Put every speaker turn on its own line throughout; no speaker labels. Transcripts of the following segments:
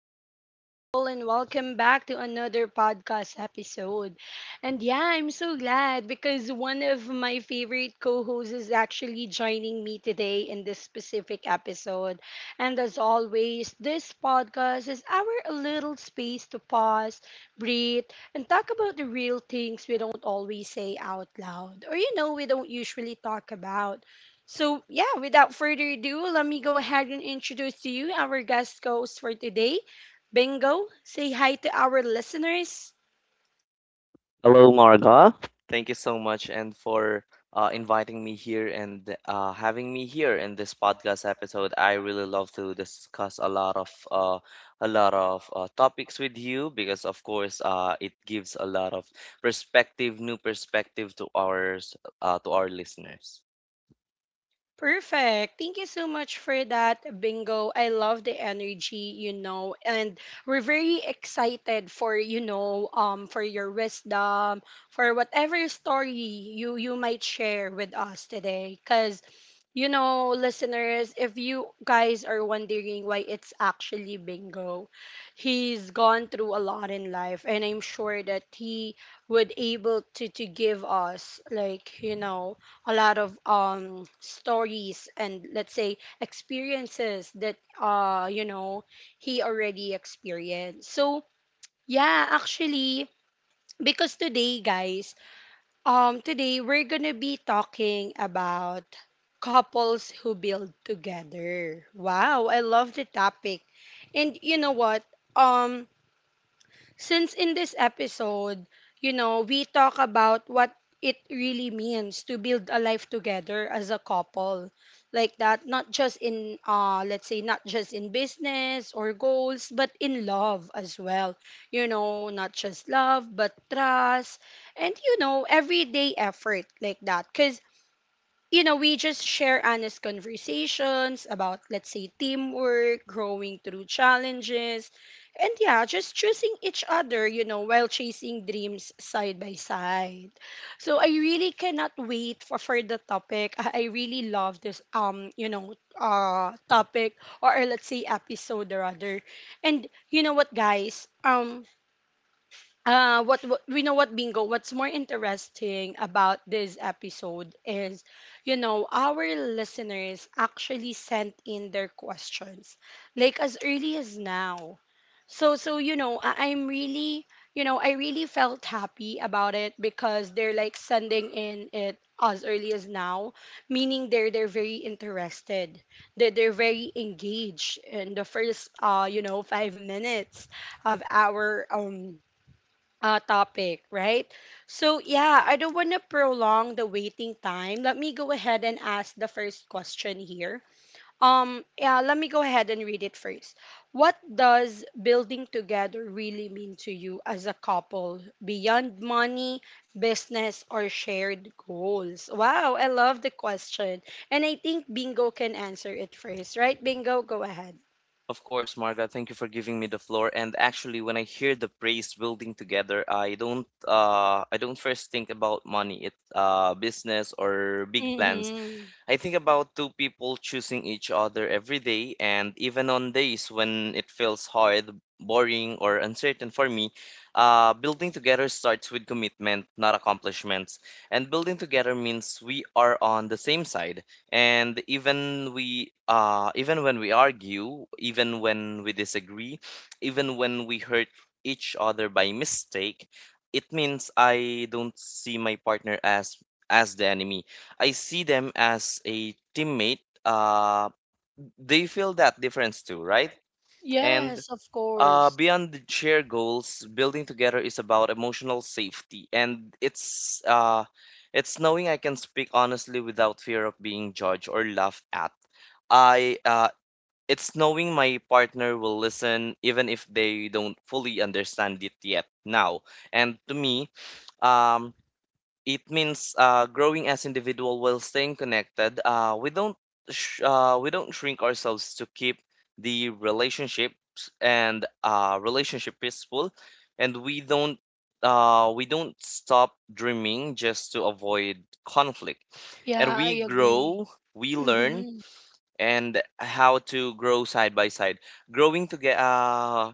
beautiful people, and welcome back to another podcast episode. And yeah, I'm so glad because one of my favorite co hosts is actually joining me today in this specific episode. And as always, this podcast is our little space to pause, breathe, and talk about the real things we don't always say out loud or, you know, we don't usually talk about. So, yeah, without further ado, let me go ahead and introduce to you our guest host for today, Bingo. Say hi to our listeners.
Hello, Marga. Thank you so much and for inviting me here and having me here in this podcast episode. I really love to discuss a lot of topics with you because, of course, it gives a lot of new perspective to ours to our listeners.
Perfect. Thank you so much for that bingo. I love the energy, you know, and we're very excited for, you know, for your wisdom, for whatever story you might share with us today cuz you know, listeners, if you guys are wondering why it's actually bingo, he's gone through a lot in life, and I'm sure that he would able to give us, like, you know, a lot of stories and let's say experiences that you know he already experienced. So yeah, actually, because today guys, today we're gonna be talking about couples who build together. Wow, I love the topic. And you know what? um since in this episode, you know, we talk about what it really means to build a life together as a couple, like that. Not just in let's say, not just in business or goals, but in love as well. You know, not just love but trust, and you know, everyday effort, like that. Cause you know, we just share honest conversations about, let's say, teamwork, growing through challenges, and yeah, just choosing each other, you know, while chasing dreams side by side. So I really cannot wait for the topic. I really love this, you know, topic, or let's say episode or other. And you know what, guys? What we know what bingo, what's more interesting about this episode is you know our listeners actually sent in their questions, like as early as now. So so you know, I'm really, you know, I really felt happy about it because they're like sending in it as early as now, meaning they're very interested, they're very engaged in the first you know 5 minutes of our topic, right? So, yeah, I don't want to prolong the waiting time. Let me go ahead and ask the first question here. Yeah, let me go ahead and read it first. What does building together really mean to you as a couple beyond money, business, or shared goals? Wow, I love the question. And I think Bingo can answer it first, right? Bingo, go ahead.
Of course, Marga, thank you for giving me the floor. And actually, when I hear the praise building together, I don't first think about money, it business, or big plans.
Hmm.
I think about two people choosing each other every day, and even on days when it feels hard, boring, or uncertain for me, building together starts with commitment, not accomplishments. And building together means we are on the same side. And even when we argue, even when we disagree, even when we hurt each other by mistake, it means I don't see my partner as the enemy. I see them as a teammate. They feel that difference too, right? And
Yes, of course.
beyond the shared goals, building together is about emotional safety, and it's knowing I can speak honestly without fear of being judged or laughed at. I It's knowing my partner will listen even if they don't fully understand it yet now. And to me, um, it means growing as individual while staying connected. We don't we don't shrink ourselves to keep the relationships and relationship peaceful, and we don't stop dreaming just to avoid conflict.
Yeah,
And
I
we
agree.
grow, we learn,
Mm-hmm.
and how to grow side by side. Growing together,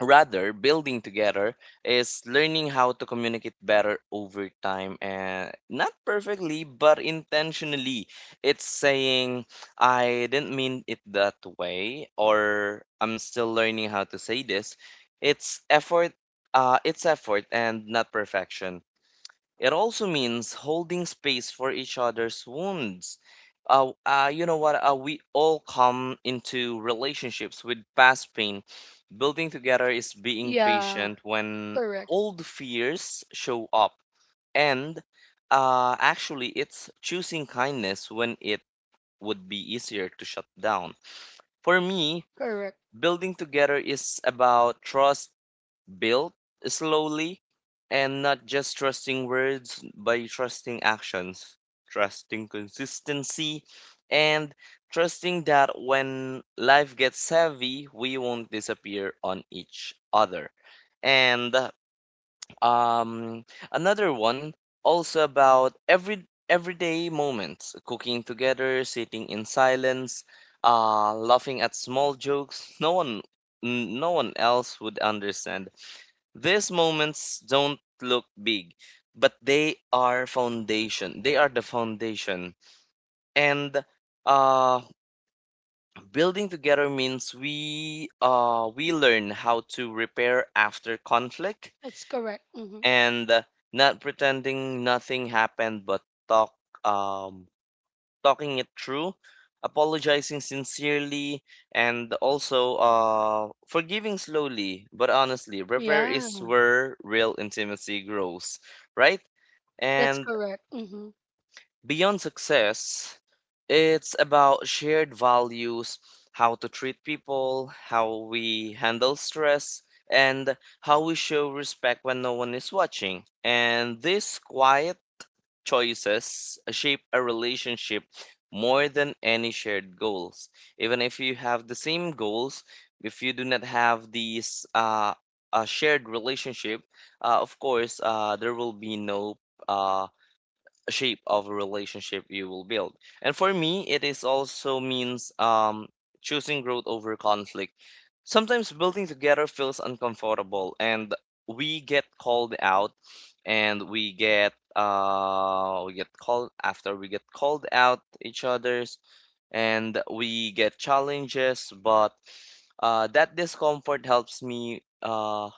rather building together, is learning how to communicate better over time, and not perfectly but intentionally. It's saying I didn't mean it that way, or I'm still learning how to say this. It's effort, it's effort and not perfection. It also means holding space for each other's wounds. You know what? We all come into relationships with past pain. Building together is being
Yeah,
patient when
correct,
old fears show up. And actually, it's choosing kindness when it would be easier to shut down. For me,
correct.
building together is about trust built slowly, and not just trusting words by trusting actions, trusting consistency, and trusting that when life gets heavy, we won't disappear on each other. And um, another one, also about everyday moments, cooking together, sitting in silence, laughing at small jokes no one, no one else would understand. These moments don't look big, but they are foundation. They are the foundation. And uh building together means we learn how to repair after conflict,
That's correct. Mm-hmm.
and not pretending nothing happened but talk um talking it through, apologizing sincerely, and also forgiving slowly but honestly. Repair
Yeah,
is where real intimacy grows, right?
that's
And
correct. Mm-hmm.
beyond success, it's about shared values, how to treat people, how we handle stress, and how we show respect when no one is watching. And this quiet choices shape a relationship more than any shared goals. Even if you have the same goals, if you do not have these a shared relationship, of course, there will be no uh, shape of a relationship you will build. And for me, it is also means choosing growth over conflict. Sometimes building together feels uncomfortable, and we get called out, and we get called out each other's, and we get challenges. But that discomfort helps me.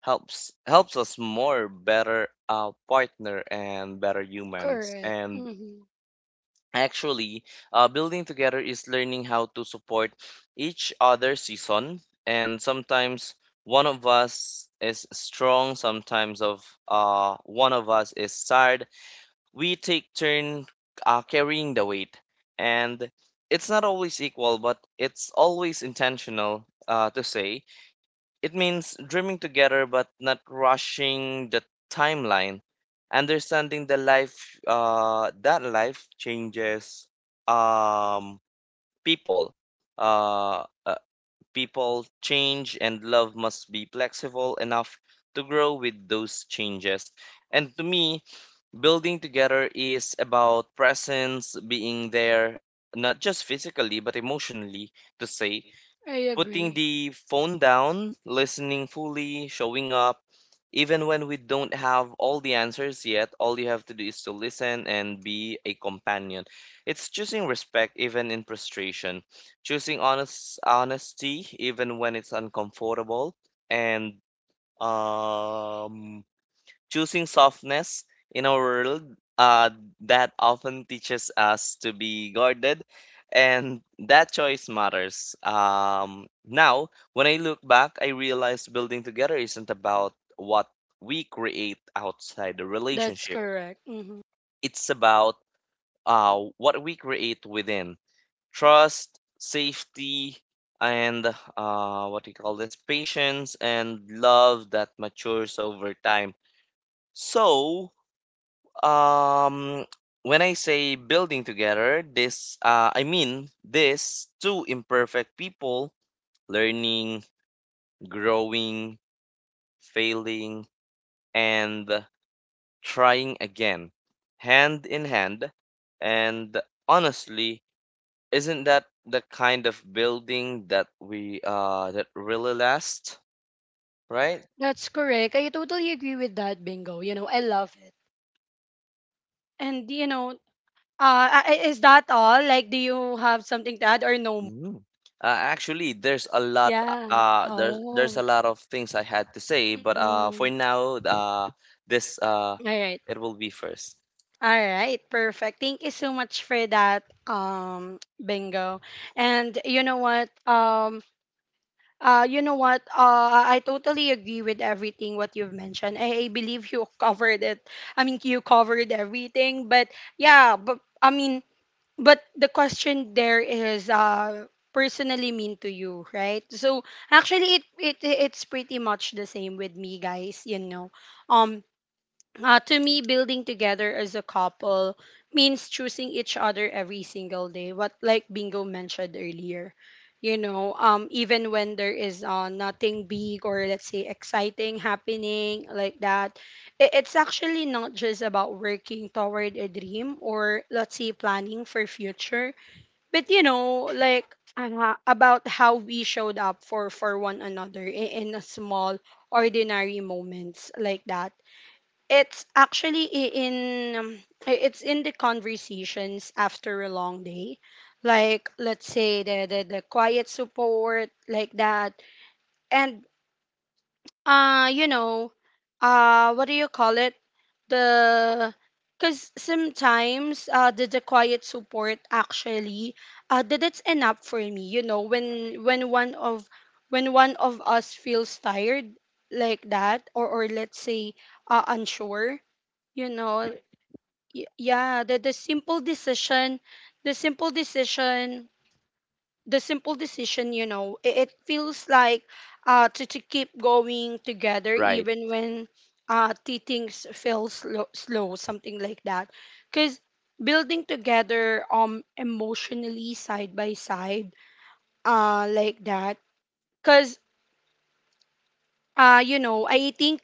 Helps us more better partner and better humans.
Correct.
And
Mm-hmm.
actually, building together is learning how to support each other season, and sometimes one of us is strong, sometimes of one of us is tired. We take turn carrying the weight, and it's not always equal but it's always intentional, to say it means dreaming together but not rushing the timeline, understanding the life that life changes um, people. Uh, uh, People change and love must be flexible enough to grow with those changes. And to me, building together is about presence, being there, not just physically but emotionally, to say
I
putting
agree.
the phone down, listening fully, showing up, even when we don't have all the answers yet. All you have to do is to listen and be a companion. It's choosing respect even in frustration, choosing honesty even when it's uncomfortable, and um choosing softness in a world uh, that often teaches us to be guarded. And that choice matters. Now when I look back, I realize building together isn't about what we create outside the
That's
relationship,
correct. Mm-hmm.
it's about what we create within: trust, safety, and what do you call, this patience and love that matures over time. So um, when I say building together, this I mean this two imperfect people learning, growing, failing, and trying again, hand in hand. And honestly, isn't that the kind of building that we that really lasts, right?
That's correct. I totally agree with that, Bingo. You know, I love it. And, you know, is that all? Like, do you have something to add or no?
Mhm. Actually, there's a lot.
Yeah.
There's
Oh.
a lot of things I had to say, but for
Mm-hmm.
now, this
All right.
it will be first.
All right, perfect. Thank you so much for that, Bingo. And you know what? You know what? I totally agree with everything what you've mentioned. I believe you covered it. I mean, you covered everything. But yeah, but I mean, but the question there is, personally mean to you, right? So actually, it's pretty much the same with me, guys. You know, um. To me, building together as a couple means choosing each other every single day. What like Bingo mentioned earlier, you know, even when there is nothing big, or let's say exciting happening, like that. It's actually not just about working toward a dream, or let's say planning for future, but you know, like about how we showed up for one another in a small ordinary moments, like that. It's actually um, it's in the conversations after a long day. Like let's say the quiet support, like that. And you know, what do you call it? The because sometimes the quiet support actually that it's enough for me, you know, when one of us feels tired like that, or let's say unsure, you know. Yeah the simple decision, the simple decision the simple decision you know it, it feels like to keep going together
Right.
even when the things feel slow, slow something like that. Because building together, emotionally side by side, like that. Because you know I think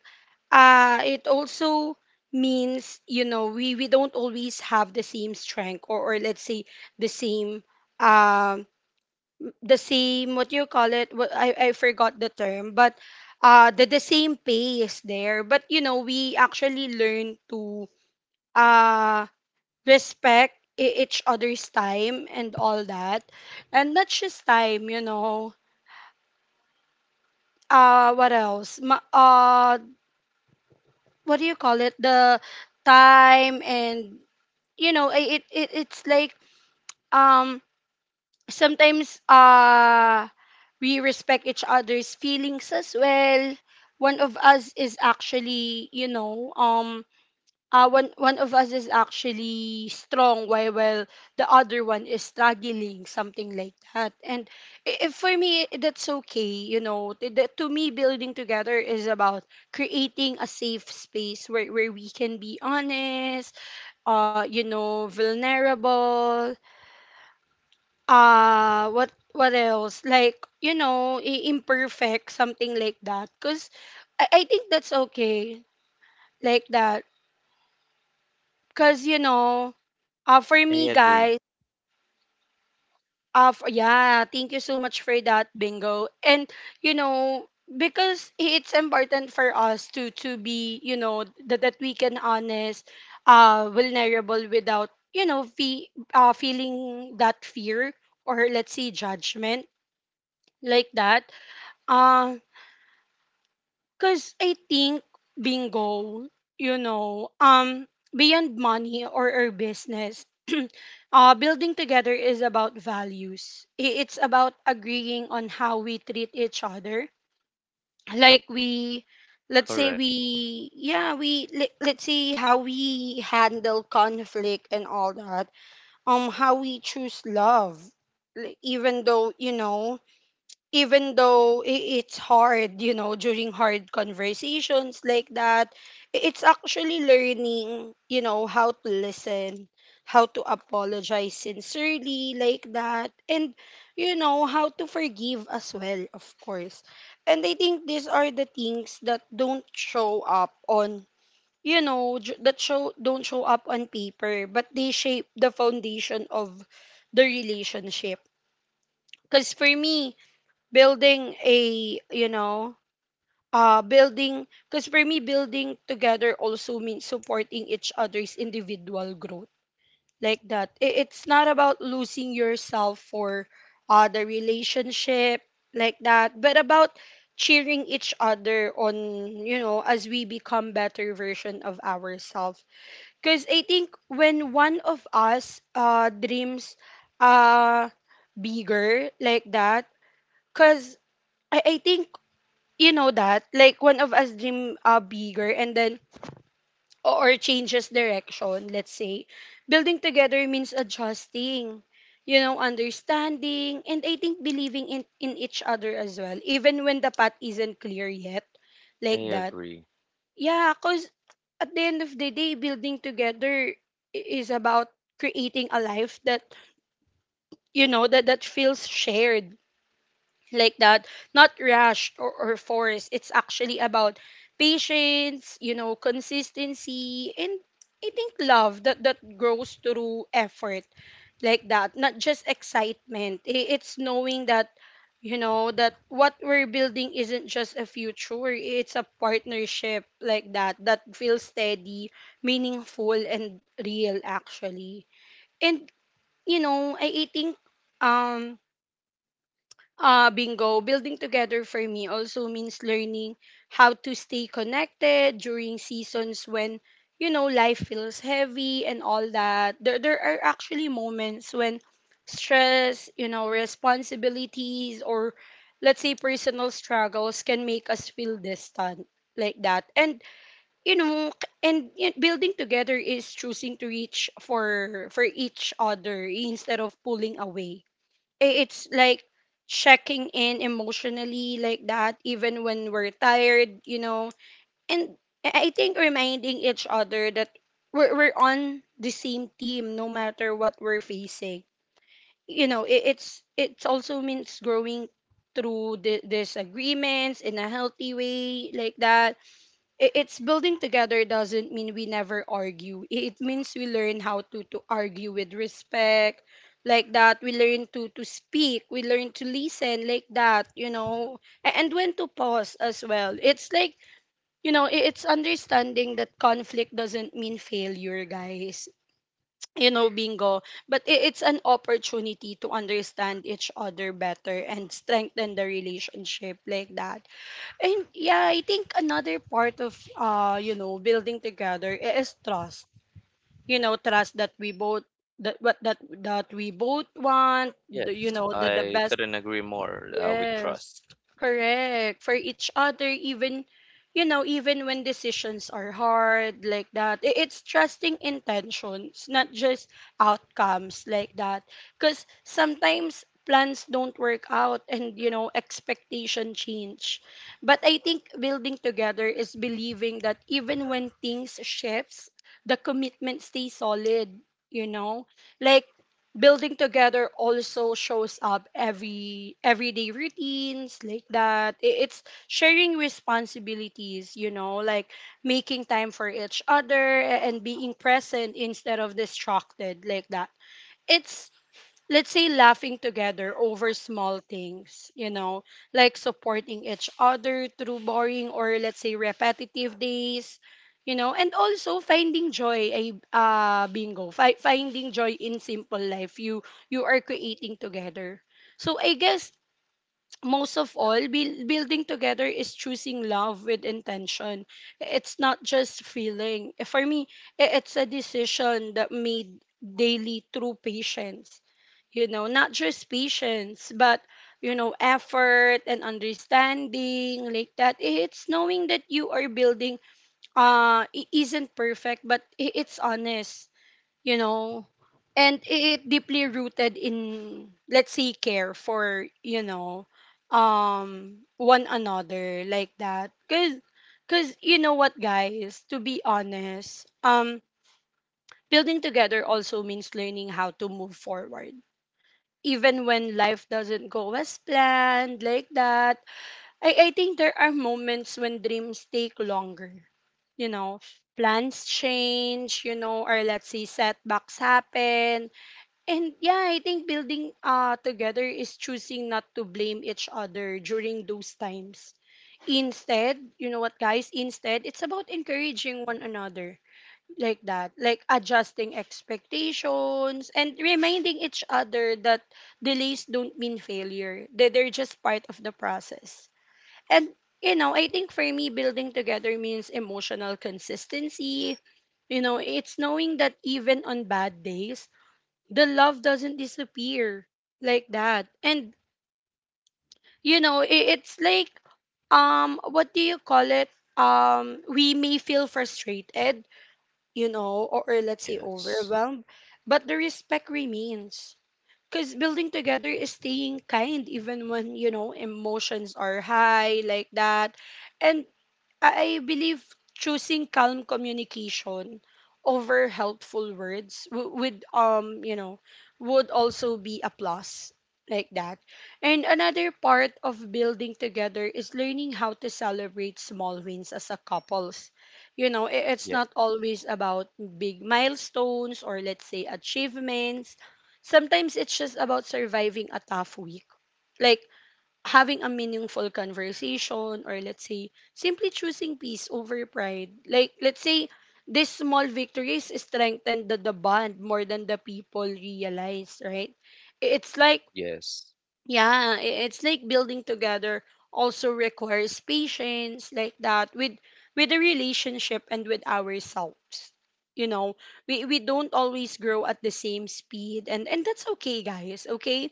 it also means you know we don't always have the same strength, or let's say the same, um what you call it, what I forgot the term, but the same pace there. But you know we actually learn to uh respect each other's time and all that. And not just time, you know, uh what else Ma- uh what do you call it, the time. And you know, it's like, um sometimes we respect each other's feelings as well. One of us is actually, you know, one of us is actually strong while the other one is struggling, something like that. And if for me that's okay, you know. To me, building together is about creating a safe space where we can be honest, you know, vulnerable, what else like you know, imperfect, something like that. Because I think that's okay like that, because you know, for
I
me
agree.
guys, yeah thank you so much for that bingo. And you know, because it's important for us to be, you know, that, that we can honest, vulnerable without you know feeling that fear, or let's say judgment, like that. Uh, Because I think bingo, you know, beyond money, or business, building together is about values. It's about agreeing on how we treat each other. Like we, let's say
Correct.
we, yeah, we, let, let's say how we handle conflict and all that. How we choose love, like, even though you know, even though it's hard, you know, during hard conversations like that, it's actually learning, you know, how to listen, how to apologize sincerely like that, and, you know, how to forgive as well, of course. And I think these are the things that don't show up on, you know, j- that show don't show up on paper, but they shape the foundation of the relationship. Because for me, building a you know building because for me, building together also means supporting each other's individual growth like that. It's not about losing yourself for the relationship, like that, but about cheering each other on, you know, as we become better version of ourselves. Because I think when one of us dreams uh bigger like that, because I think you know that, like one of us dream bigger and then, or changes direction, let's say, building together means adjusting, you know, understanding, and I think believing in each other as well, even when the path isn't clear yet like
I
that.
agree.
Yeah cuz at the end of the day, building together is about creating a life that, you know, that that feels shared like that, not rushed or forced. It's actually about patience, you know, consistency, and I think love that that grows through effort like that, not just excitement. It's knowing that, you know, that what we're building isn't just a future, it's a partnership like that, that feels steady, meaningful, and real actually. And you know I think, um bingo, building together for me also means learning how to stay connected during seasons when, you know, life feels heavy and all that. There are actually moments when stress, you know, responsibilities, or let's say personal struggles can make us feel distant like that. And, you know, building together is choosing to reach for each other instead of pulling away. It's like checking in emotionally like that, even when we're tired, you know. And I think reminding each other that we're on the same team, no matter what we're facing, you know. It's also means growing through the disagreements in a healthy way like that. It's, building together doesn't mean we never argue. It means we learn how to argue with respect, like that. We learn to speak. We learn to listen, like that. You know, and when to pause as well. It's like, you know, it's understanding that conflict doesn't mean failure, guys. You know, bingo. But it's an opportunity to understand each other better and strengthen the relationship like that. And yeah, I think another part of you know, building together is trust. You know, trust that we both, that what that that we both want, the, you
Yes,
know, the
I
best.
couldn't agree more with
Yes,
trust.
correct. For each other, even, you know, even when decisions are hard like that, it's trusting intentions, not just outcomes like that. Because sometimes plans don't work out and, you know, expectation change. But I think building together is believing that even when things shifts, the commitment stays solid, you know? Like, building together also shows up everyday routines like that. It's sharing responsibilities, you know, like making time for each other and being present instead of distracted like that. It's, let's say, laughing together over small things, you know, like supporting each other through boring or, let's say, repetitive days, you know, and also finding joy ay. Bingo, finding joy in simple life you you are creating together. So I guess most of all, building together is choosing love with intention. It's not just feeling. For me, it's a decision that made daily through patience. You know, not just patience, but, you know, effort and understanding like that. It's knowing that you are building isn't perfect, but it's honest, you know, and it deeply rooted in, let's say, care for, you know, one another like that. Cuz you know what, guys, to be honest, building together also means learning how to move forward even when life doesn't go as planned like that. I think there are moments when dreams take longer, you know, plans change, you know, or, let's say, setbacks happen. And yeah, I think building together is choosing not to blame each other during those times. Instead, you know what, guys, instead it's about encouraging one another like that, like adjusting expectations and reminding each other that delays don't mean failure. That they're just part of the process. And, you know, I think for me building together means emotional consistency. You know, it's knowing that even on bad days, the love doesn't disappear like that. And, you know, it's like, what do you call it, we may feel frustrated, you know, or, let's say,
Yes.
overwhelmed, but the respect remains, because building together is staying kind even when, you know, emotions are high like that. And I believe choosing calm communication over helpful words would, you know, would also be a plus like that. And another part of building together is learning how to celebrate small wins as a couples. You know, it's
Yeah.
not always about big milestones or, let's say, achievements. Sometimes it's just about surviving a tough week. Like having a meaningful conversation or, let's say, simply choosing peace over pride, like, let's say, this small victories strengthen the bond more than the people realize, right? It's like,
Yes.
yeah, it's like building together also requires patience like that, with the relationship and with ourselves, you know. We don't always grow at the same speed, and that's okay, guys. Okay,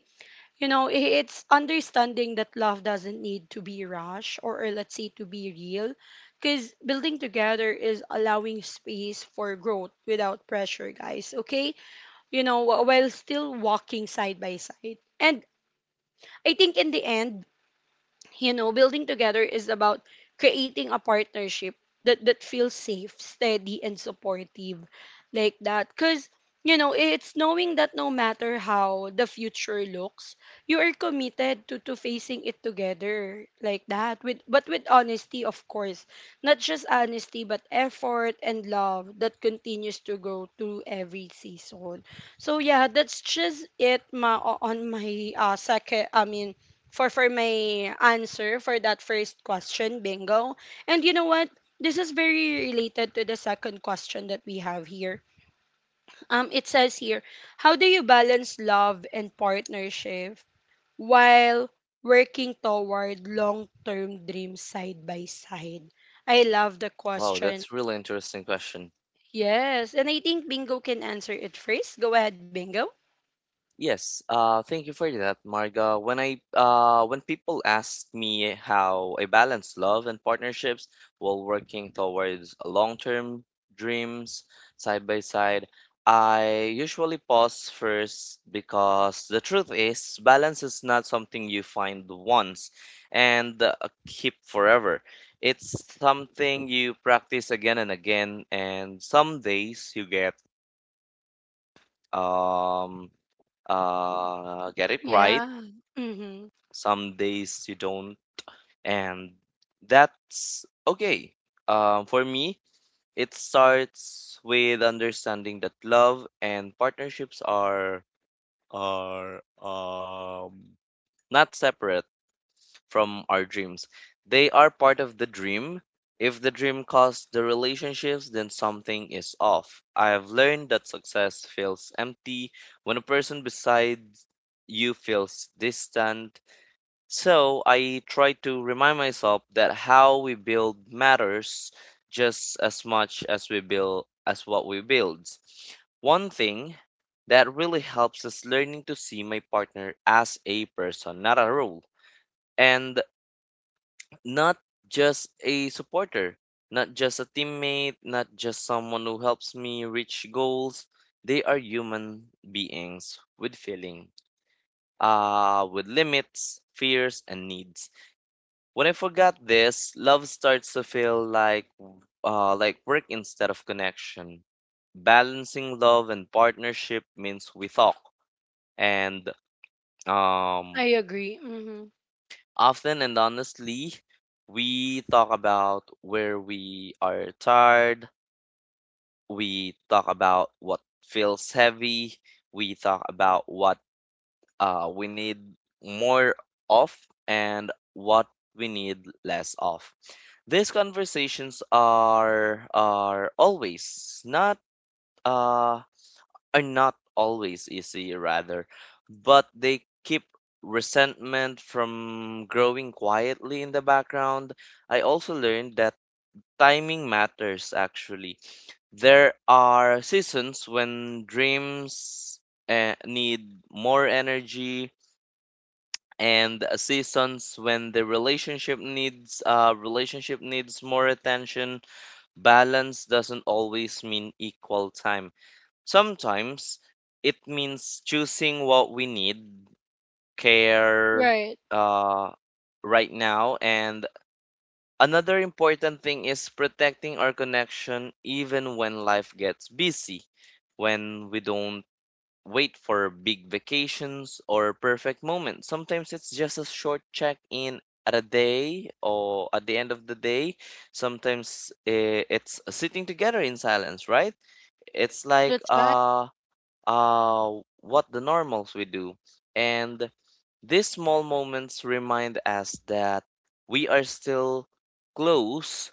you know, it's understanding that love doesn't need to be rushed or, let's say, to be real, because building together is allowing space for growth without pressure, guys. Okay? You know, while still walking side by side. And I think in the end, you know, building together is about creating a partnership that feels safe, steady, and supportive, like that. Cause you know, it's knowing that no matter how the future looks, you are committed to facing it together like that. With, but with honesty, of course. Not just honesty, but effort and love that continues to grow through every season. So yeah, that's just it ma on my second, I mean, for my answer for that first question, bingo. And you know what? This is very related to the second question that we have here. It says here, how do you balance love and partnership while working toward long-term dreams side by side? I love the
Wow,
question.
that's really interesting question.
Yes, and I think Bingo can answer it first. Go ahead, Bingo.
Yes, thank you for that, Marga. When I when people ask me how I balance love and partnerships while working towards long-term dreams side by side, I usually pause first, because the truth is balance is not something you find once and keep forever. It's something you practice again and again, and some days you um get it right,
Yeah. Mm-hmm.
some days you don't, and that's okay. For me, it starts with understanding that love and partnerships are not separate from our dreams. They are part of the dream. If the dream costs the relationships, then something is off. I have learned that success feels empty when a person beside you feels distant, so I try to remind myself that how we build matters just as much as we build as what we build. One thing that really helps is learning to see my partner as a person, not a role, and not just a supporter, not just a teammate, not just someone who helps me reach goals. They are human beings with feeling, with limits, fears, and needs. When I forgot this, love starts to feel like work instead of connection. Balancing love and partnership means we talk and um,
I agree. Mm-hmm.
often and honestly. We talk about where we are tired. We talk about what feels heavy. We talk about what we need more of, and what we need less of. These conversations are always not uh, are not always easy rather, but they keep resentment from growing quietly in the background. I also learned that timing matters actually. There are seasons when dreams need more energy, and seasons when the relationship needs more attention. Balance doesn't always mean equal time. Sometimes it means choosing what we need care
Right.
uh, right now. And another important thing is protecting our connection even when life gets busy. When we don't wait for big vacations or perfect moments. Sometimes it's just a short check in at a day or at the end of the day. Sometimes it's sitting together in silence, right? It's like
That's right.
uh, what the normals we do. And these small moments remind us that we are still close,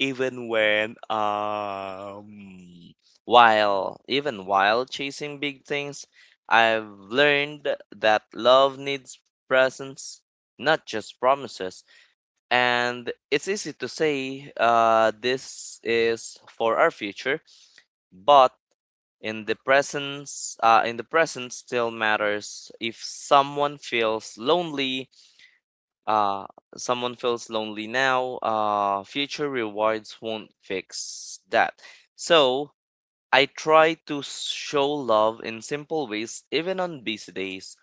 even when while even while chasing big things. I've learned that love needs presence, not just promises. And it's easy to say, this is for our future, but in the present still matters. If someone feels lonely, uh now, uh, future rewards won't fix that. So I try to show love in simple ways even on busy days.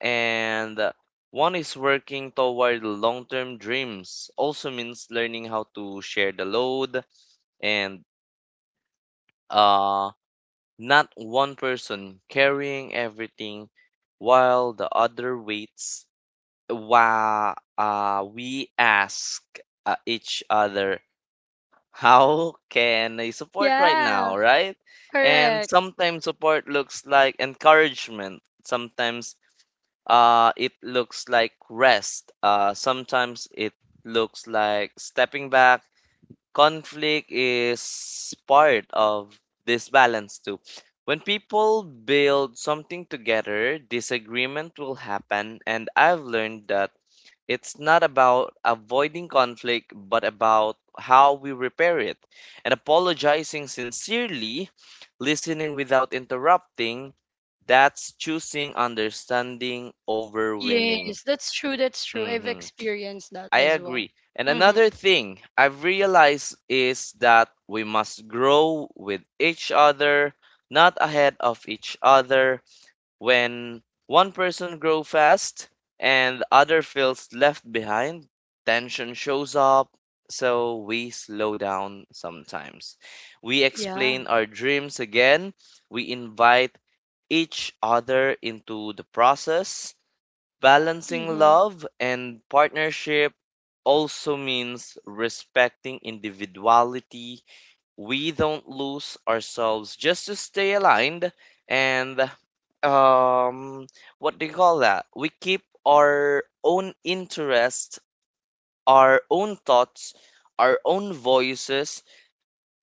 And one is, working toward long-term dreams also means learning how to share the load, and uh not one person carrying everything while the other waits. Wow, we ask each other, how can I support right
Yeah.
now, right? And
Correct.
sometimes support looks like encouragement. Sometimes it looks like rest. Sometimes it looks like stepping back. Conflict is part of this balance too. When people build something together, disagreement will happen, and I've learned that it's not about avoiding conflict, but about how we repair it. And apologizing sincerely, listening without interrupting, that's choosing understanding over winning.
Yes, that's true. That's true. I've
Hmm.
experienced that as
I
well.
agree. And
Mm-hmm.
another thing I've realized is that we must grow with each other, not ahead of each other. When one person grows fast and the other feels left behind, tension shows up, so we slow down sometimes. We
Yeah.
explain our dreams again, we invite each other into the process. Balancing
Mm-hmm.
love and partnership also means respecting individuality. We don't lose ourselves just to stay aligned, and um what do you call that we keep our own interest, our own thoughts, our own voices.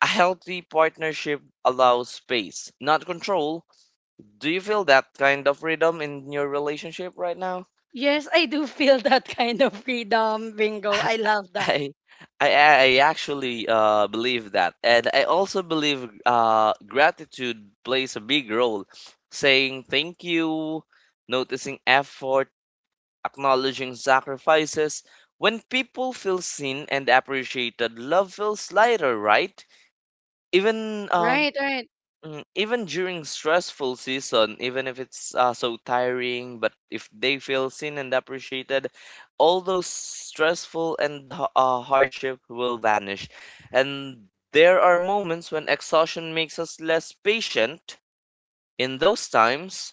A healthy partnership allows space, not control. Do you feel that kind of freedom in your relationship right now?
Yes, I do feel that kind of freedom. Bingo. I love that.
I I actually believe that, and I also believe gratitude plays a big role. Saying thank you, noticing effort, acknowledging sacrifices. When people feel seen and appreciated, love feels lighter, right? Even
Right, right.
Mm, even during stressful season, even if it's so tiring, but if they feel seen and appreciated, all those stressful and hardship will vanish. And there are moments when exhaustion makes us less patient. In those times,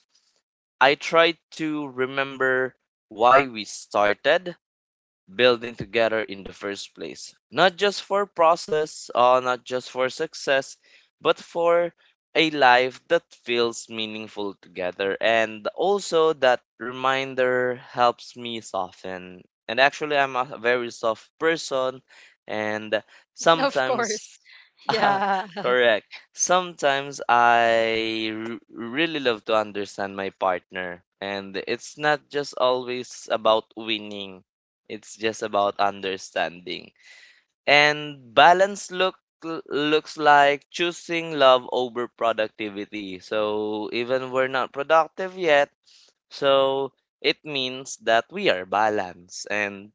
I try to remember why we started building together in the first place. Not just for process, not just for success, but for a life that feels meaningful together. And also, that reminder helps me soften. And actually, I'm a very soft person, and
Of
sometimes
course. Yeah.
correct. Sometimes I really love to understand my partner, and it's not just always about winning. It's just about understanding. And balance looks like choosing love over productivity. So even we're not productive yet, so it means that we are balanced and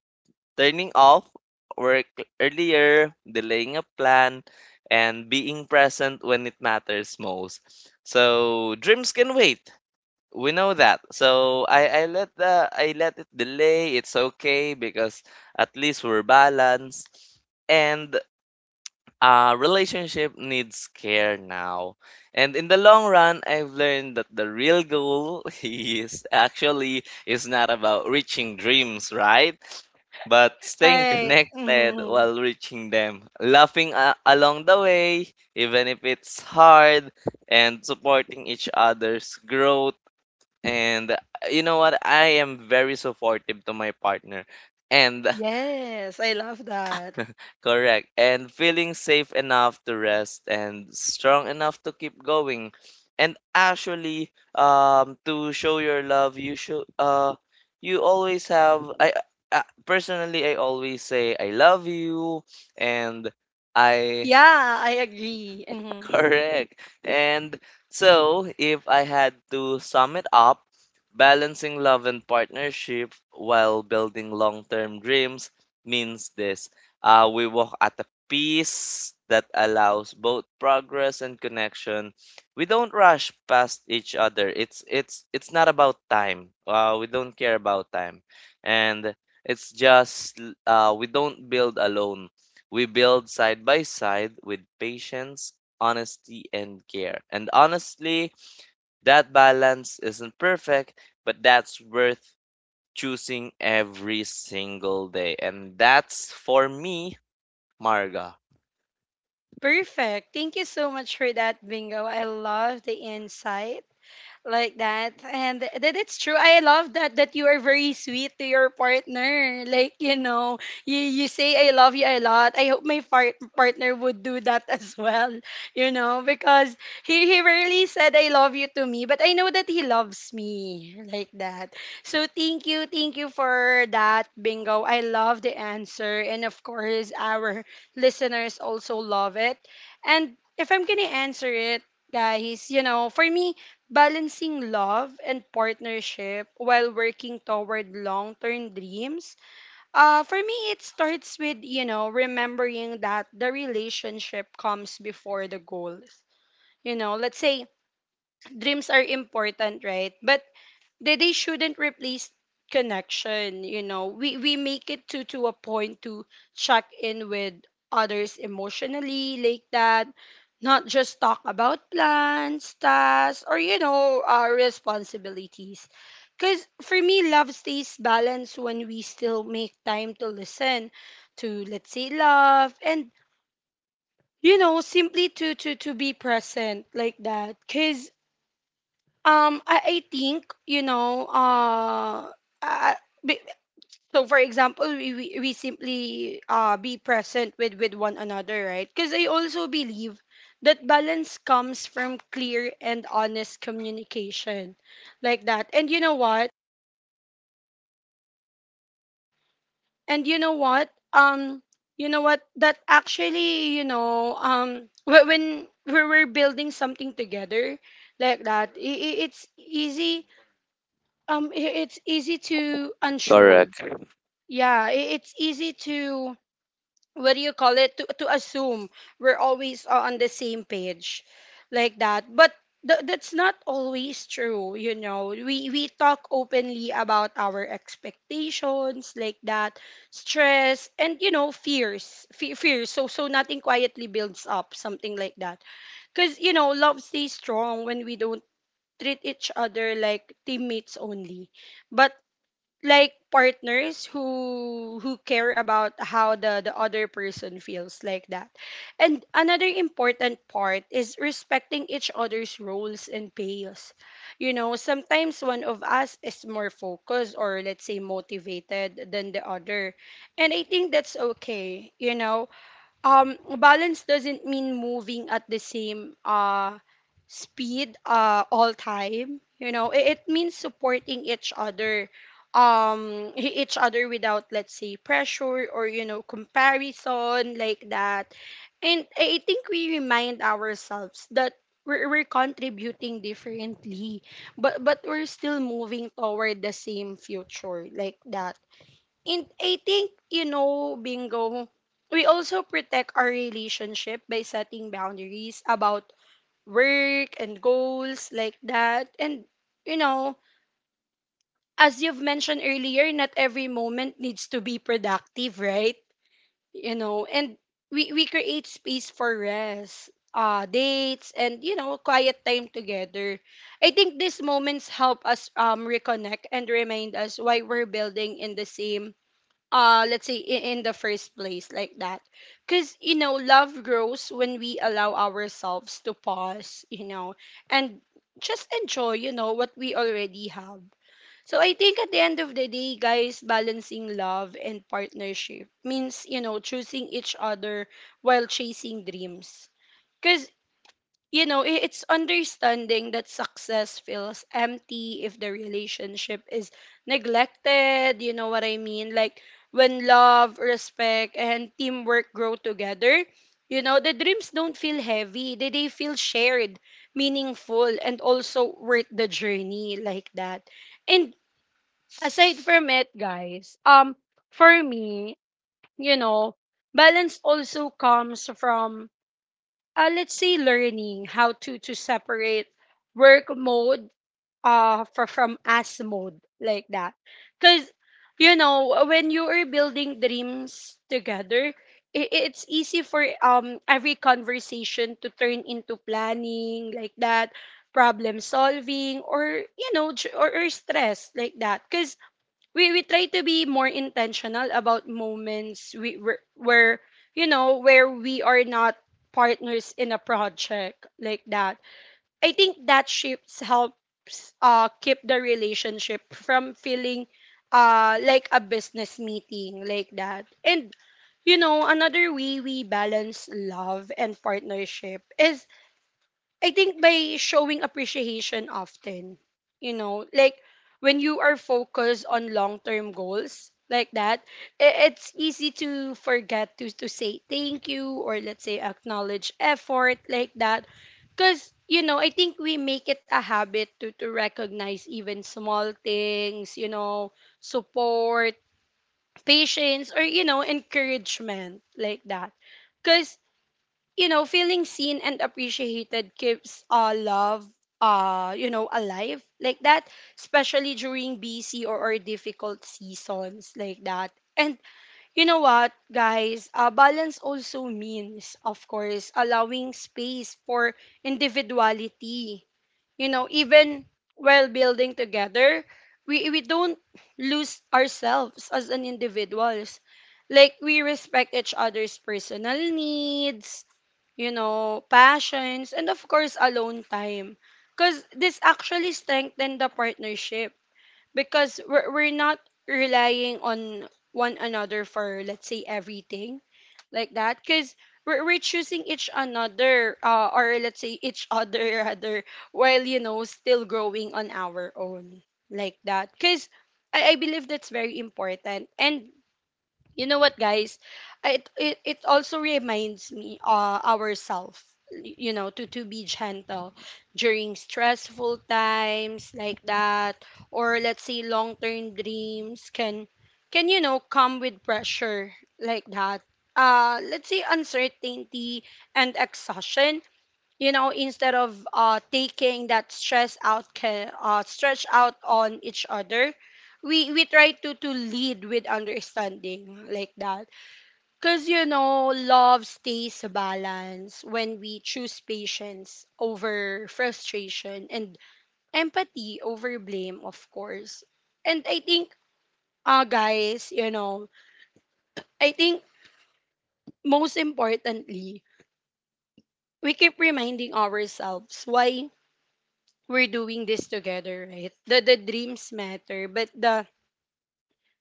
turning off work earlier, delaying a plan, and being present when it matters most. So dreams can wait, we know that. So I let it delay. It's okay because at least we're balanced. And relationship needs care now. And in the long run, I've learned that the real goal is actually is not about reaching dreams, right? But staying
Right.
connected
Mm-hmm.
while reaching them, laughing along the way, even if it's hard, and supporting each other's growth. And you know what? I am very supportive to my partner. And
Yes, I love that.
correct. And feeling safe enough to rest and strong enough to keep going. And actually, to show your love, you should you always have I personally I always say I love you. And I
Yeah, I agree. Mhm.
correct. And so, if I had to sum it up, balancing love and partnership while building long term dreams means this: we walk at a pace that allows both progress and connection. We don't rush past each other. It's not about time. We don't care about time, and it's just we don't build alone. We build side by side with patience, honesty, and care. And honestly, that balance isn't perfect, but that's worth choosing every single day. And that's for me, Marga.
Perfect. Thank you so much for that, Bingo. I love the insight like that, and that it's true. I love that that you are very sweet to your partner, like, you know, you say I love you a lot. I hope my partner would do that as well, you know, because he rarely said I love you to me, but I know that he loves me like that. So thank you, thank you for that, Bingo. I love the answer, and of course our listeners also love it. And if I'm gonna answer it, guys, you know, for me, balancing love and partnership while working toward long term dreams, for me, it starts with, you know, remembering that the relationship comes before the goals. You know, let's say dreams are important, right? But they shouldn't replace connection. You know, we make it to a point to check in with others emotionally like that, not just talk about plans, tasks, or, you know, our responsibilities. Because for me love stays balanced when we still make time to listen, to, let's say, love, and, you know, simply to be present like that. Because I think, you know, uh be- so for example, we simply be present with one another, right? Because I also believe that balance comes from clear and honest communication like that. And you know what? And you know what? You know what? That actually, you know, when we're building something together like that, it's easy. It's easy to unsure.
Correct.
Yeah, it's easy to, what do you call it, to assume we're always on the same page, like that. But that's not always true, you know. We talk openly about our expectations, like that, stress, and, you know, fears, fears. So so nothing quietly builds up, something like that. Cause you know love stays strong when we don't treat each other like teammates only. But like partners who care about how the other person feels like that. And another important part is respecting each other's roles and payoffs, you know. Sometimes one of us is more focused or, let's say, motivated than the other, and I think that's okay, you know. Balance doesn't mean moving at the same speed all time, you know. It means supporting each other, each other without, let's say, pressure or, you know, comparison like that. And I think we remind ourselves that we're contributing differently, but we're still moving toward the same future like that. And I think, you know, bingo, we also protect our relationship by setting boundaries about work and goals like that. And, you know, as you've mentioned earlier, not every moment needs to be productive, right? You know, and we create space for rest, dates, and, you know, quiet time together. I think these moments help us reconnect and remind us why we're building in the same, let's say, in the first place like that. Because you know love grows when we allow ourselves to pause, you know, and just enjoy, you know, what we already have. So I think at the end of the day, guys, balancing love and partnership means, you know, choosing each other while chasing dreams. Because you know, it's understanding that success feels empty if the relationship is neglected. You know what I mean? Like when love, respect, and teamwork grow together, you know, the dreams don't feel heavy. They feel shared, meaningful, and also worth the journey like that. And aside from it, guys, for me, you know, balance also comes from let's say learning how to separate work mode from as mode like that. Because you know, when you are building dreams together, it's easy for every conversation to turn into planning like that, problem solving, or you know, or stress like that. Because we try to be more intentional about moments where you know, where we are not partners in a project like that. I think that shifts helps keep the relationship from feeling like a business meeting like that. And you know, another way we balance love and partnership is I think by showing appreciation often, you know, like when you are focused on long-term goals like that, it's easy to forget to say thank you, or let's say acknowledge effort like that. Cause you know, I think we make it a habit to recognize even small things, you know, support, patience, or you know, encouragement like that. Cause you know, feeling seen and appreciated keeps love, you know, alive like that, especially during busy or difficult seasons like that. And you know what, guys? Balance also means, of course, allowing space for individuality. You know, even while building together, we don't lose ourselves as an individuals. Like, we respect each other's personal needs, you know, passions, and of course, alone time. Because this actually strengthened the partnership, because we're not relying on one another for, let's say, everything like that. Because we're choosing each another, or let's say, each other rather, while, you know, still growing on our own like that. Because I believe that's very important. And you know what, guys? It also reminds me ourselves, you know, to be gentle during stressful times like that. Or let's say long-term dreams can you know come with pressure like that, let's say uncertainty and exhaustion. You know, instead of taking that stress out can uh stretch out on each other, we try to lead with understanding like that. Because you know, love stays balanced when we choose patience over frustration and empathy over blame, of course. And I think guys, you know, I think most importantly, we keep reminding ourselves why we're doing this together, right? The dreams matter, but the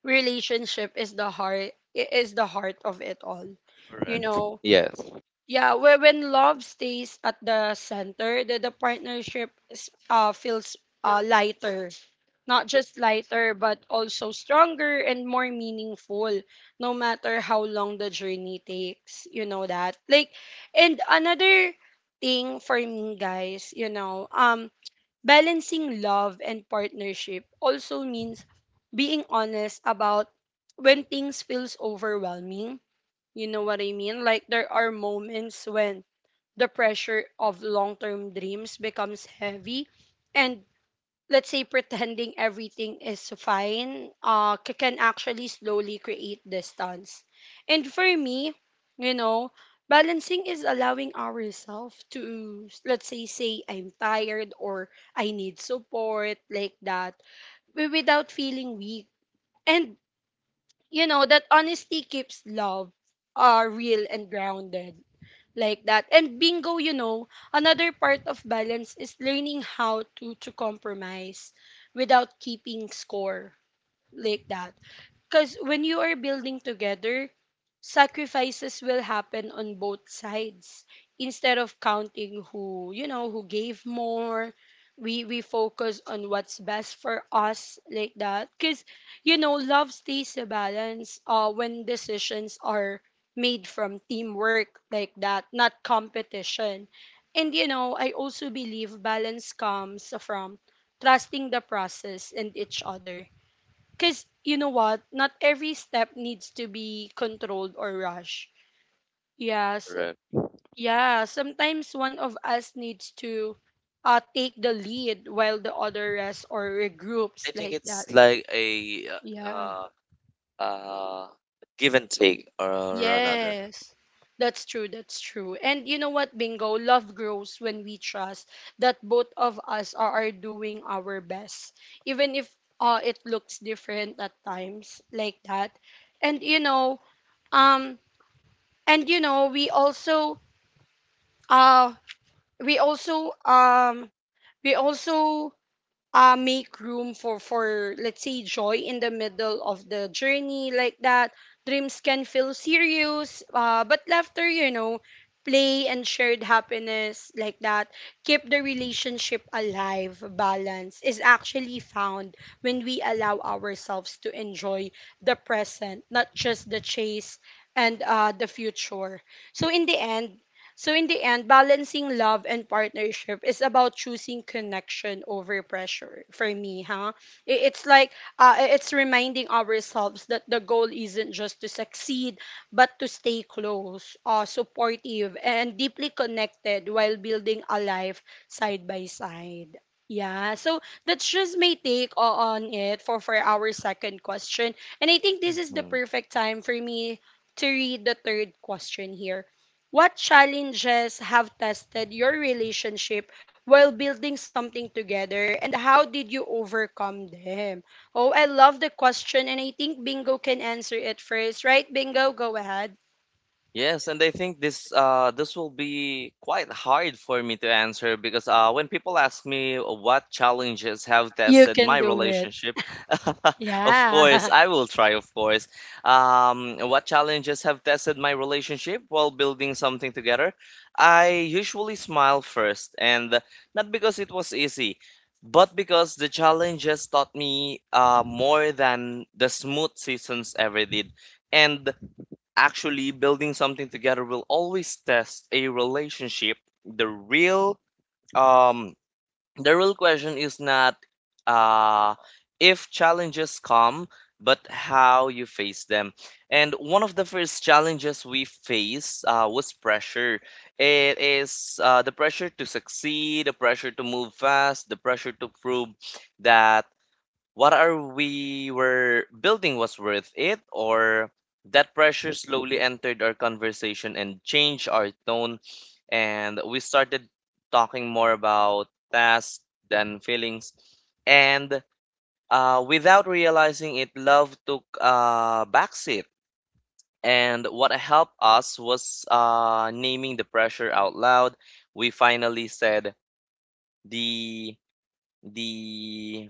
relationship is the heart, is the heart of it all. You
Correct.
know,
Yes.
yeah, when love stays at the center, the partnership is, feels lighter. Not just lighter, but also stronger and more meaningful, no matter how long the journey takes. You know that? Like, and another thing for me, guys, you know, balancing love and partnership also means being honest about when things feels overwhelming. You know what I mean? Like there are moments when the pressure of long-term dreams becomes heavy, and let's say pretending everything is fine can actually slowly create distance. And for me, you know, balancing is allowing ourselves to let's say say I'm tired, or I need support like that, without feeling weak. And you know that honesty keeps love real and grounded like that. And Bingo, you know, another part of balance is learning how to compromise without keeping score like that. Because when you are building together, sacrifices will happen on both sides. Instead of counting who, you know, who gave more, we focus on what's best for us like that. Because you know, love stays a balance. When decisions are made from teamwork like that, not competition. And you know, I also believe balance comes from trusting the process and each other. Because you know what? Not every step needs to be controlled or rushed. Yes,
Correct.
yeah. Sometimes one of us needs to take the lead while the other rests or
I
regroups
think
like that.
it's like a
Yeah.
uh uh give and take or another.
Yes. That's true. That's true. And you know what, Bingo? Love grows when we trust that both of us are doing our best, even if it looks different at times like that. And you know, um, and you know we also uh we also um we also make room for let's say joy in the middle of the journey like that. Dreams can feel serious but laughter, you know, play and shared happiness like that keep the relationship alive. Balance is actually found when we allow ourselves to enjoy the present, not just the chase and the future. so in the end in the end, balancing love and partnership is about choosing connection over pressure, for me, huh? It's like, it's reminding ourselves that the goal isn't just to succeed, but to stay close, supportive, and deeply connected while building a life side by side. Yeah, so that's just my take on it for our second question. And I think this is the perfect time for me to read the third question here. What challenges have tested your relationship while building something together, and how did you overcome them? Oh, I love the question, and I think Bingo can answer it first, right? Bingo, go ahead.
Yes, and I think this will be quite hard for me to answer because when people ask me what challenges have
You
tested
can
my
do it.
relationship, of course
Yeah.
I will try, of course. What challenges have tested my relationship while building something together? I usually smile first, and not because it was easy, but because the challenges taught me more than the smooth seasons ever did. And actually, building something together will always test a relationship. The real um the real question is not uh if challenges come, but how you face them. And one of the first challenges we face was pressure. It is the pressure to succeed, the pressure to move fast, the pressure to prove that what are we were building was worth it, or that pressure slowly entered our conversation and changed our tone, and we started talking more about tasks than feelings. And without realizing it, love took a backseat. And what helped us was naming the pressure out loud. We finally said the the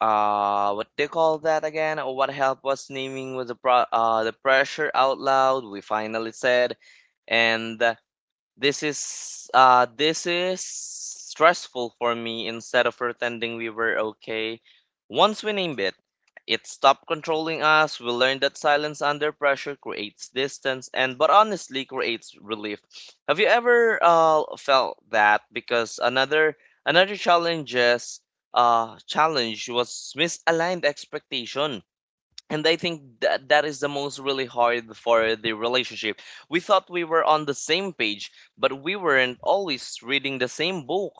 what they call that again? Or what helped us naming was the the pressure out loud. We finally said, and this is this is stressful for me, instead of pretending we were okay. Once we named it, it stopped controlling us. We learned that silence under pressure creates distance, and but honestly creates relief. Have you ever felt that? Because another challenge was misaligned expectation, and I think that that is the most really hard for the relationship. We thought we were on the same page, but we weren't always reading the same book.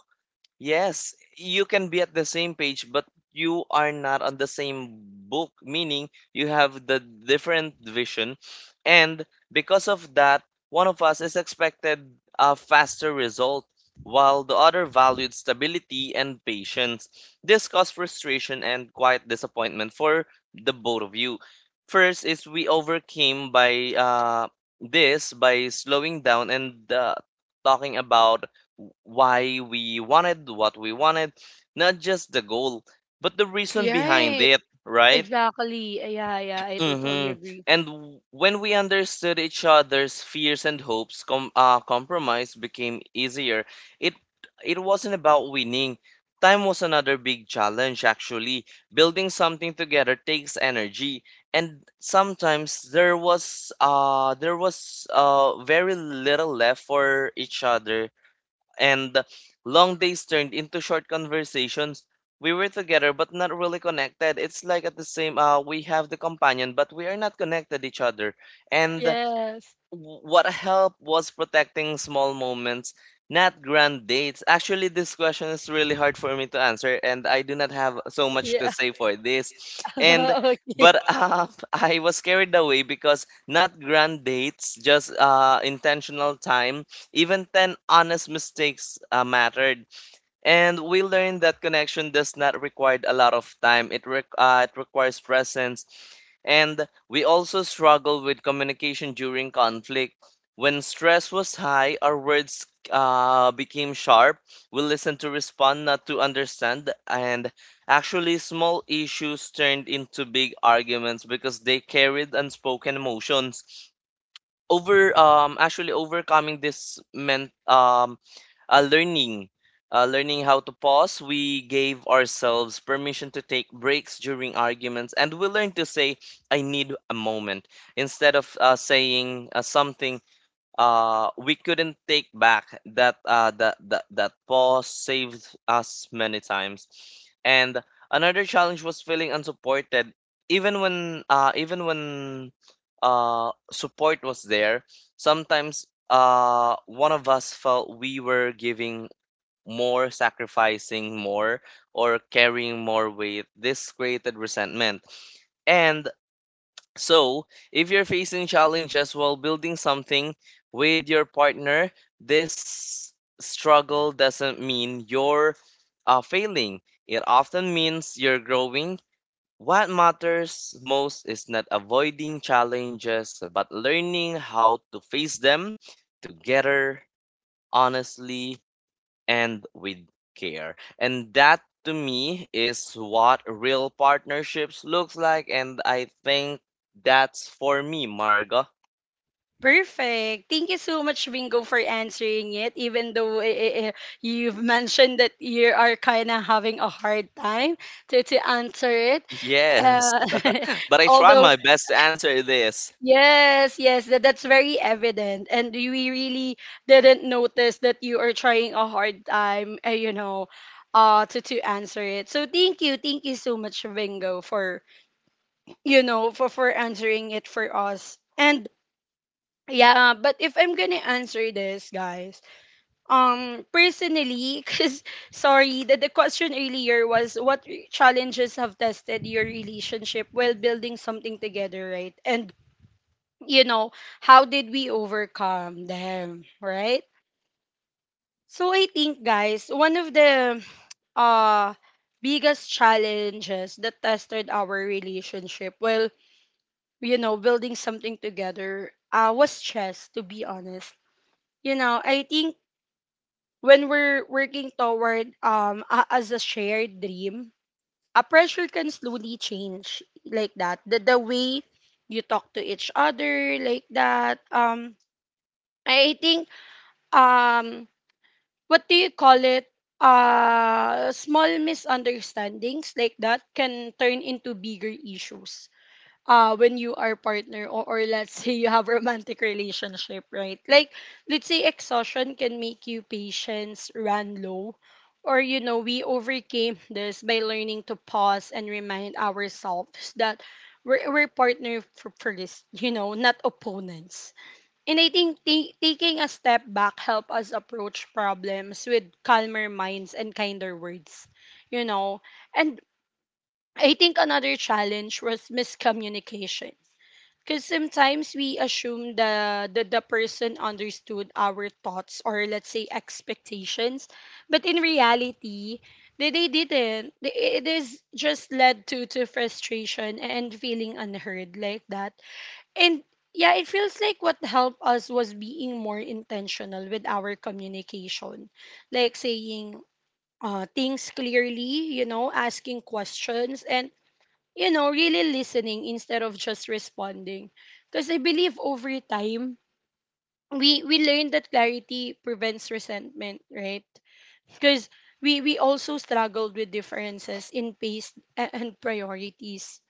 Yes, you can be at the same page, but you are not on the same book, meaning you have the different vision. And because of that, one of us is expected a faster result, while the other valued stability and patience. This caused frustration and quiet disappointment for the both of you. First is we overcame by this by slowing down and talking about why we wanted what we wanted, not just the goal, but the reason
You're
behind
right.
it, right?
Exactly. Yeah, yeah, I totally
Mm-hmm.
agree.
And when we understood each other's fears and hopes, compromise became easier. It it wasn't about winning. Time was another big challenge, actually. Building something together takes energy, and sometimes there was very little left for each other, and long days turned into short conversations. We were together but not really connected. It's like at the same we have the companion but we are not connected each other. And
Yes.
what help was protecting small moments, not grand dates. Actually, this question is really hard for me to answer, and I do not have so much to
Yeah.
say for this. And
okay.
but I was carried away, because not grand dates, just intentional time. Even ten honest mistakes mattered. And we learned that connection does not require a lot of time. It requires presence. And we also struggle with communication during conflict. When stress was high, our words became sharp. We listened to respond, not to understand. And actually, small issues turned into big arguments because they carried unspoken emotions. Over um actually overcoming this meant uh, learning learning how to pause. We gave ourselves permission to take breaks during arguments, and we learned to say I need a moment instead of saying something we couldn't take back. That pause saved us many times. And another challenge was feeling unsupported, even when support was there. Sometimes one of us felt we were giving more, sacrificing more, or carrying more weight. This created resentment. And so, if you're facing challenges while building something with your partner, this struggle doesn't mean you're failing. It often means you're growing. What matters most is not avoiding challenges, but learning how to face them together, honestly, and with care. And that to me is what real partnerships looks like, and I think that's for me, Marga.
Perfect. Thank you so much, Bingo, for answering it. Even though eh, eh, eh, you've mentioned that you are kind of having a hard time to answer it.
Yes.
Uh,
But I try
although,
my best to answer this.
yes, yes, that, that's very evident. And we really didn't notice that you are trying a hard time, you know, to answer it. So thank you. Thank you so much, Bingo, for, you know, for answering it for us. And yeah, but if I'm gonna answer this, guys, personally, because sorry, the question earlier was what challenges have tested your relationship while building something together, right? And, you know, how did we overcome them, right? So I think, guys, one of the uh biggest challenges that tested our relationship while you know building something together was stress, to be honest. You know, I think when we're working toward as a shared dream, a pressure can slowly change like that. The way you talk to each other like that. I think um what do you call it? Small misunderstandings like that can turn into bigger issues when you are partner, or let's say you have romantic relationship, right? Like let's say exhaustion can make you patience run low. Or you know, we overcame this by learning to pause and remind ourselves that we're partner for this, you know, not opponents. And I think taking a step back help us approach problems with calmer minds and kinder words, you know. And I think another challenge was miscommunication, because sometimes we assume the, the person understood our thoughts, or let's say expectations, but in reality, they didn't. They- It is just led to frustration and feeling unheard like that. And yeah, it feels like what helped us was being more intentional with our communication, like saying things clearly, you know, asking questions, and you know, really listening instead of just responding. Because I believe over time, we learn that clarity prevents resentment, right? Because we also struggled with differences in pace and priorities.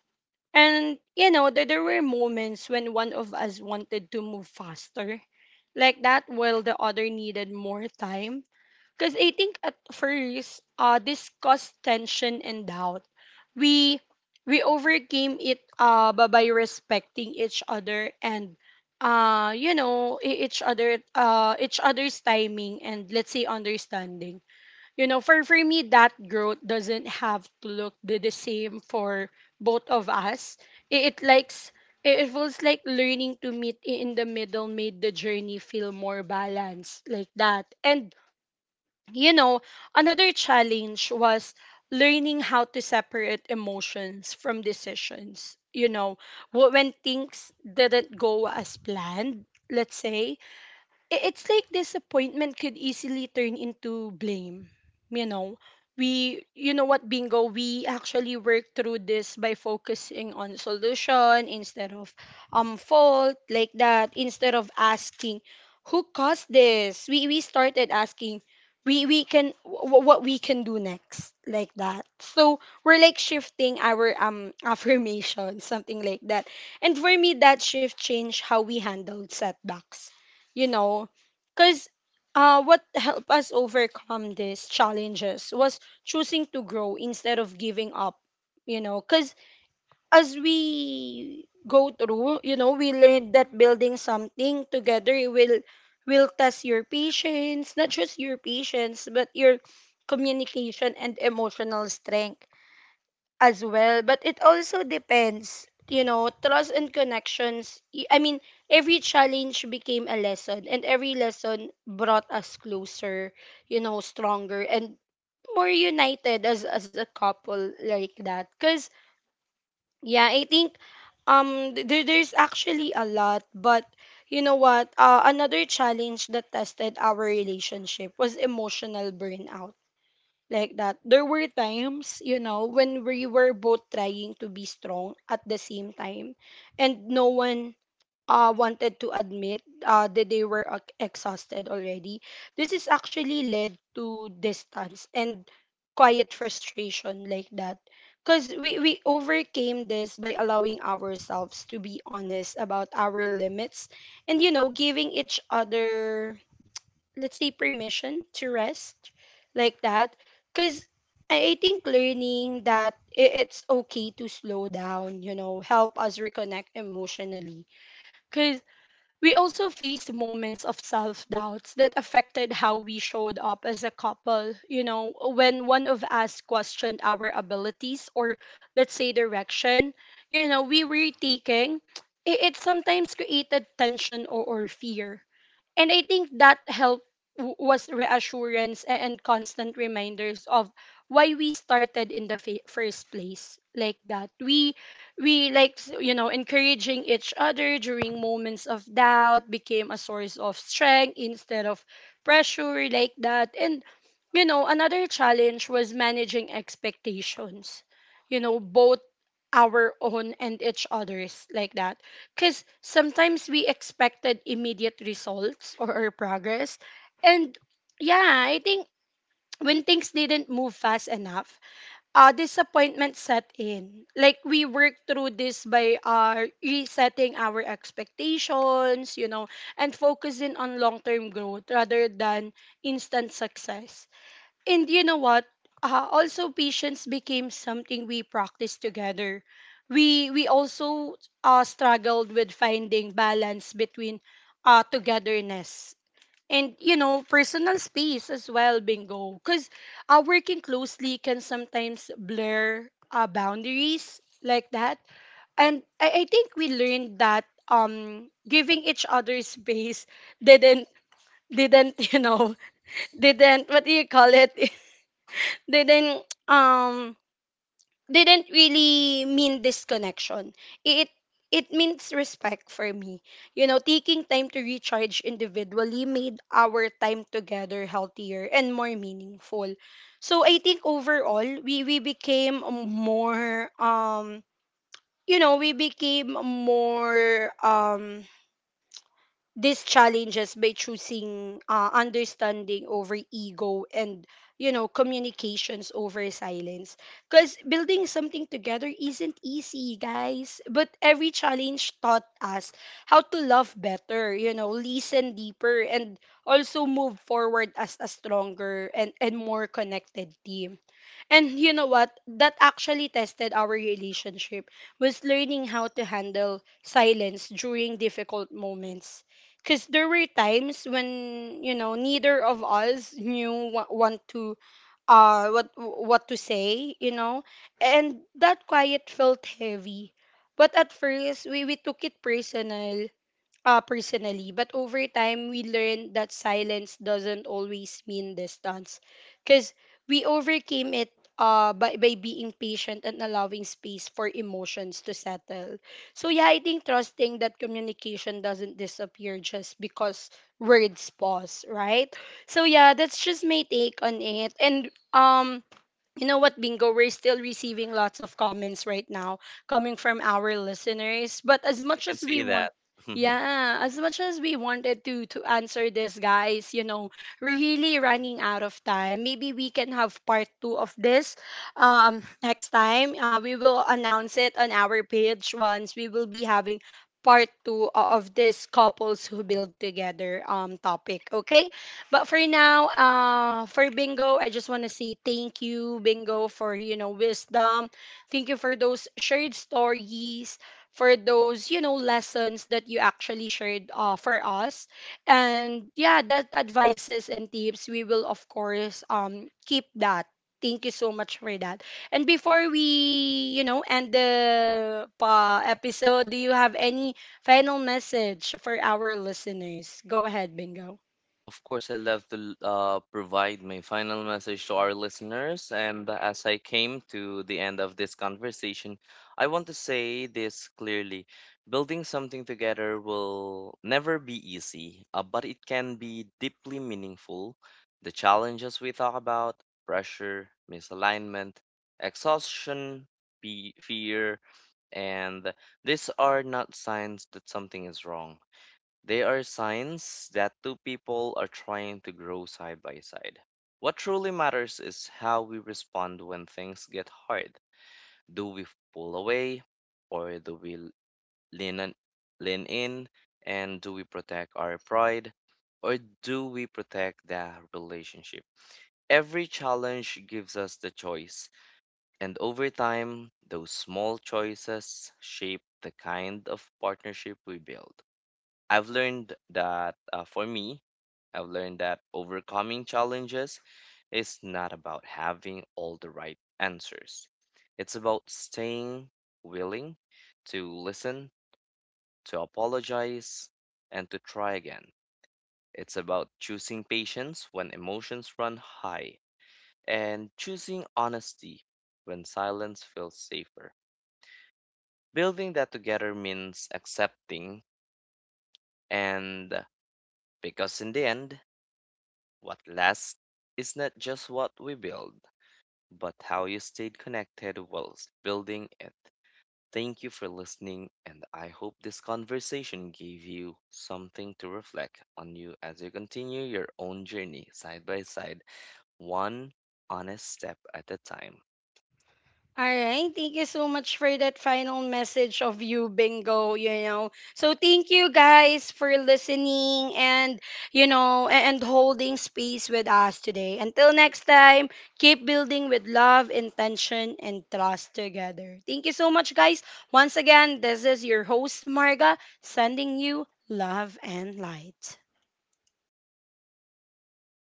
And you know, there were moments when one of us wanted to move faster, like that, while the other needed more time. Because I think at first, this caused tension and doubt. We we overcame it by respecting each other, and you know each other uh each other's timing and let's say understanding. You know, for me, that growth doesn't have to look the same for both of us. It likes it it feels like learning to meet in the middle made the journey feel more balanced like that. And you know, another challenge was learning how to separate emotions from decisions. You know, when things didn't go as planned, let's say, it's like disappointment could easily turn into blame, you know. We, you know what, Bingo, we actually work through this by focusing on solution instead of fault like that. Instead of asking who caused this, we started asking what we can do next like that, so we're like shifting our affirmation, something like that. And for me, that shift changed how we handled setbacks, you know. Because what helped us overcome these challenges was choosing to grow instead of giving up, you know. Because as we go through, you know, we learned that building something together will test your patience, not just your patience, but your communication and emotional strength as well. But it also depends you know trust and connections, I mean, every challenge became a lesson, and every lesson brought us closer, you know, stronger and more united as a couple like that. Cuz yeah, I think there, there's actually a lot. But you know what, another challenge that tested our relationship was emotional burnout like that. There were times, you know, when we were both trying to be strong at the same time, and no one wanted to admit that they were exhausted already. This is actually led to distance and quiet frustration like that. Because we overcame this by allowing ourselves to be honest about our limits and, you know, giving each other, let's say, permission to rest like that, because I think learning that it's okay to slow down, you know, help us reconnect emotionally, because we also face moments of self-doubts that affected how we showed up as a couple, you know, when one of us questioned our abilities or, let's say, direction, you know, we were taking, it sometimes created tension or fear. And I think that help was reassurance and constant reminders of why we started in the first place, like that we we you know, encouraging each other during moments of doubt became a source of strength instead of pressure, like that. And, you know, another challenge was managing expectations, you know, both our own and each others, like that, because sometimes we expected immediate results or our progress. And yeah, I think when things didn't move fast enough, disappointment set in. Like, we worked through this by resetting our expectations, you know, and focusing on long-term growth rather than instant success. And you know what? Also, patience became something we practiced together. We also struggled with finding balance between togetherness and, you know, personal space as well. Bingo, because working closely can sometimes blur boundaries, like that. And I think we learned that giving each other space didn't didn't you know didn't what do you call it, didn't didn't really mean disconnection. It it means respect for me. You know, taking time to recharge individually made our time together healthier and more meaningful. So I think overall we became more you know, we became more these challenges by choosing understanding over ego and, you know, communications over silence, because building something together isn't easy, guys, but every challenge taught us how to love better, you know, listen deeper, and also move forward as a stronger and more connected team. And you know what? That actually tested our relationship was learning how to handle silence during difficult moments. Because there were times when, you know, neither of us knew what, want to what to say, and that quiet felt heavy. But at first we took it personally, but over time we learned that silence doesn't always mean distance, because we overcame it by being patient and allowing space for emotions to settle. So yeah, I think trusting that communication doesn't disappear just because words pause, right? So yeah, that's just my take on it, and you know what, Bingo? We're still receiving lots of comments right now coming from our listeners. But as
I
much
can
as we
see that.
want, yeah, as much as we wanted to answer this, guys, you know, we're really running out of time. Maybe we can have part two of this next time. We will announce it on our page once we will be having part two of this couples who build together topic. Okay. But for now, for Bingo, I just want to say thank you, Bingo, for, you know, wisdom. Thank you for those shared stories, for those, you know, lessons that you actually shared for us, and yeah, that advices and tips we will of course keep that. Thank you so much for that. And before we, you know, end the pa episode, do you have any final message for our listeners? Go ahead, Bingo.
Of course, I love to provide my final message to our listeners. And as I came to the end of this conversation, I want to say this clearly. Building something together will never be easy, but it can be deeply meaningful. The challenges we talk about: pressure, misalignment, exhaustion, fear, and these are not signs that something is wrong. They are signs that two people are trying to grow side by side. What truly matters is how we respond when things get hard. Do we pull away, or do we lean in, lean in, and do we protect our pride, or do we protect the relationship? Every challenge gives us the choice, and over time, those small choices shape the kind of partnership we build. I've learned that for me, I've learned that overcoming challenges is not about having all the right answers. It's about staying willing to listen, to apologize, and to try again. It's about choosing patience when emotions run high, and choosing honesty when silence feels safer. Building that together means accepting, and because in the end, what lasts is not just what we build, but how you stayed connected whilst building it. Thank you for listening, and I hope this conversation gave you something to reflect on you as you continue your own journey side by side, one honest step at a time.
All right. Thank you so much for that final message of you, Bingo. You know, so thank you guys for listening and, you know, and holding space with us today. Until next time, keep building with love, intention, and trust together. Thank you so much, guys. Once again, this is your host, Marga, sending you love and light.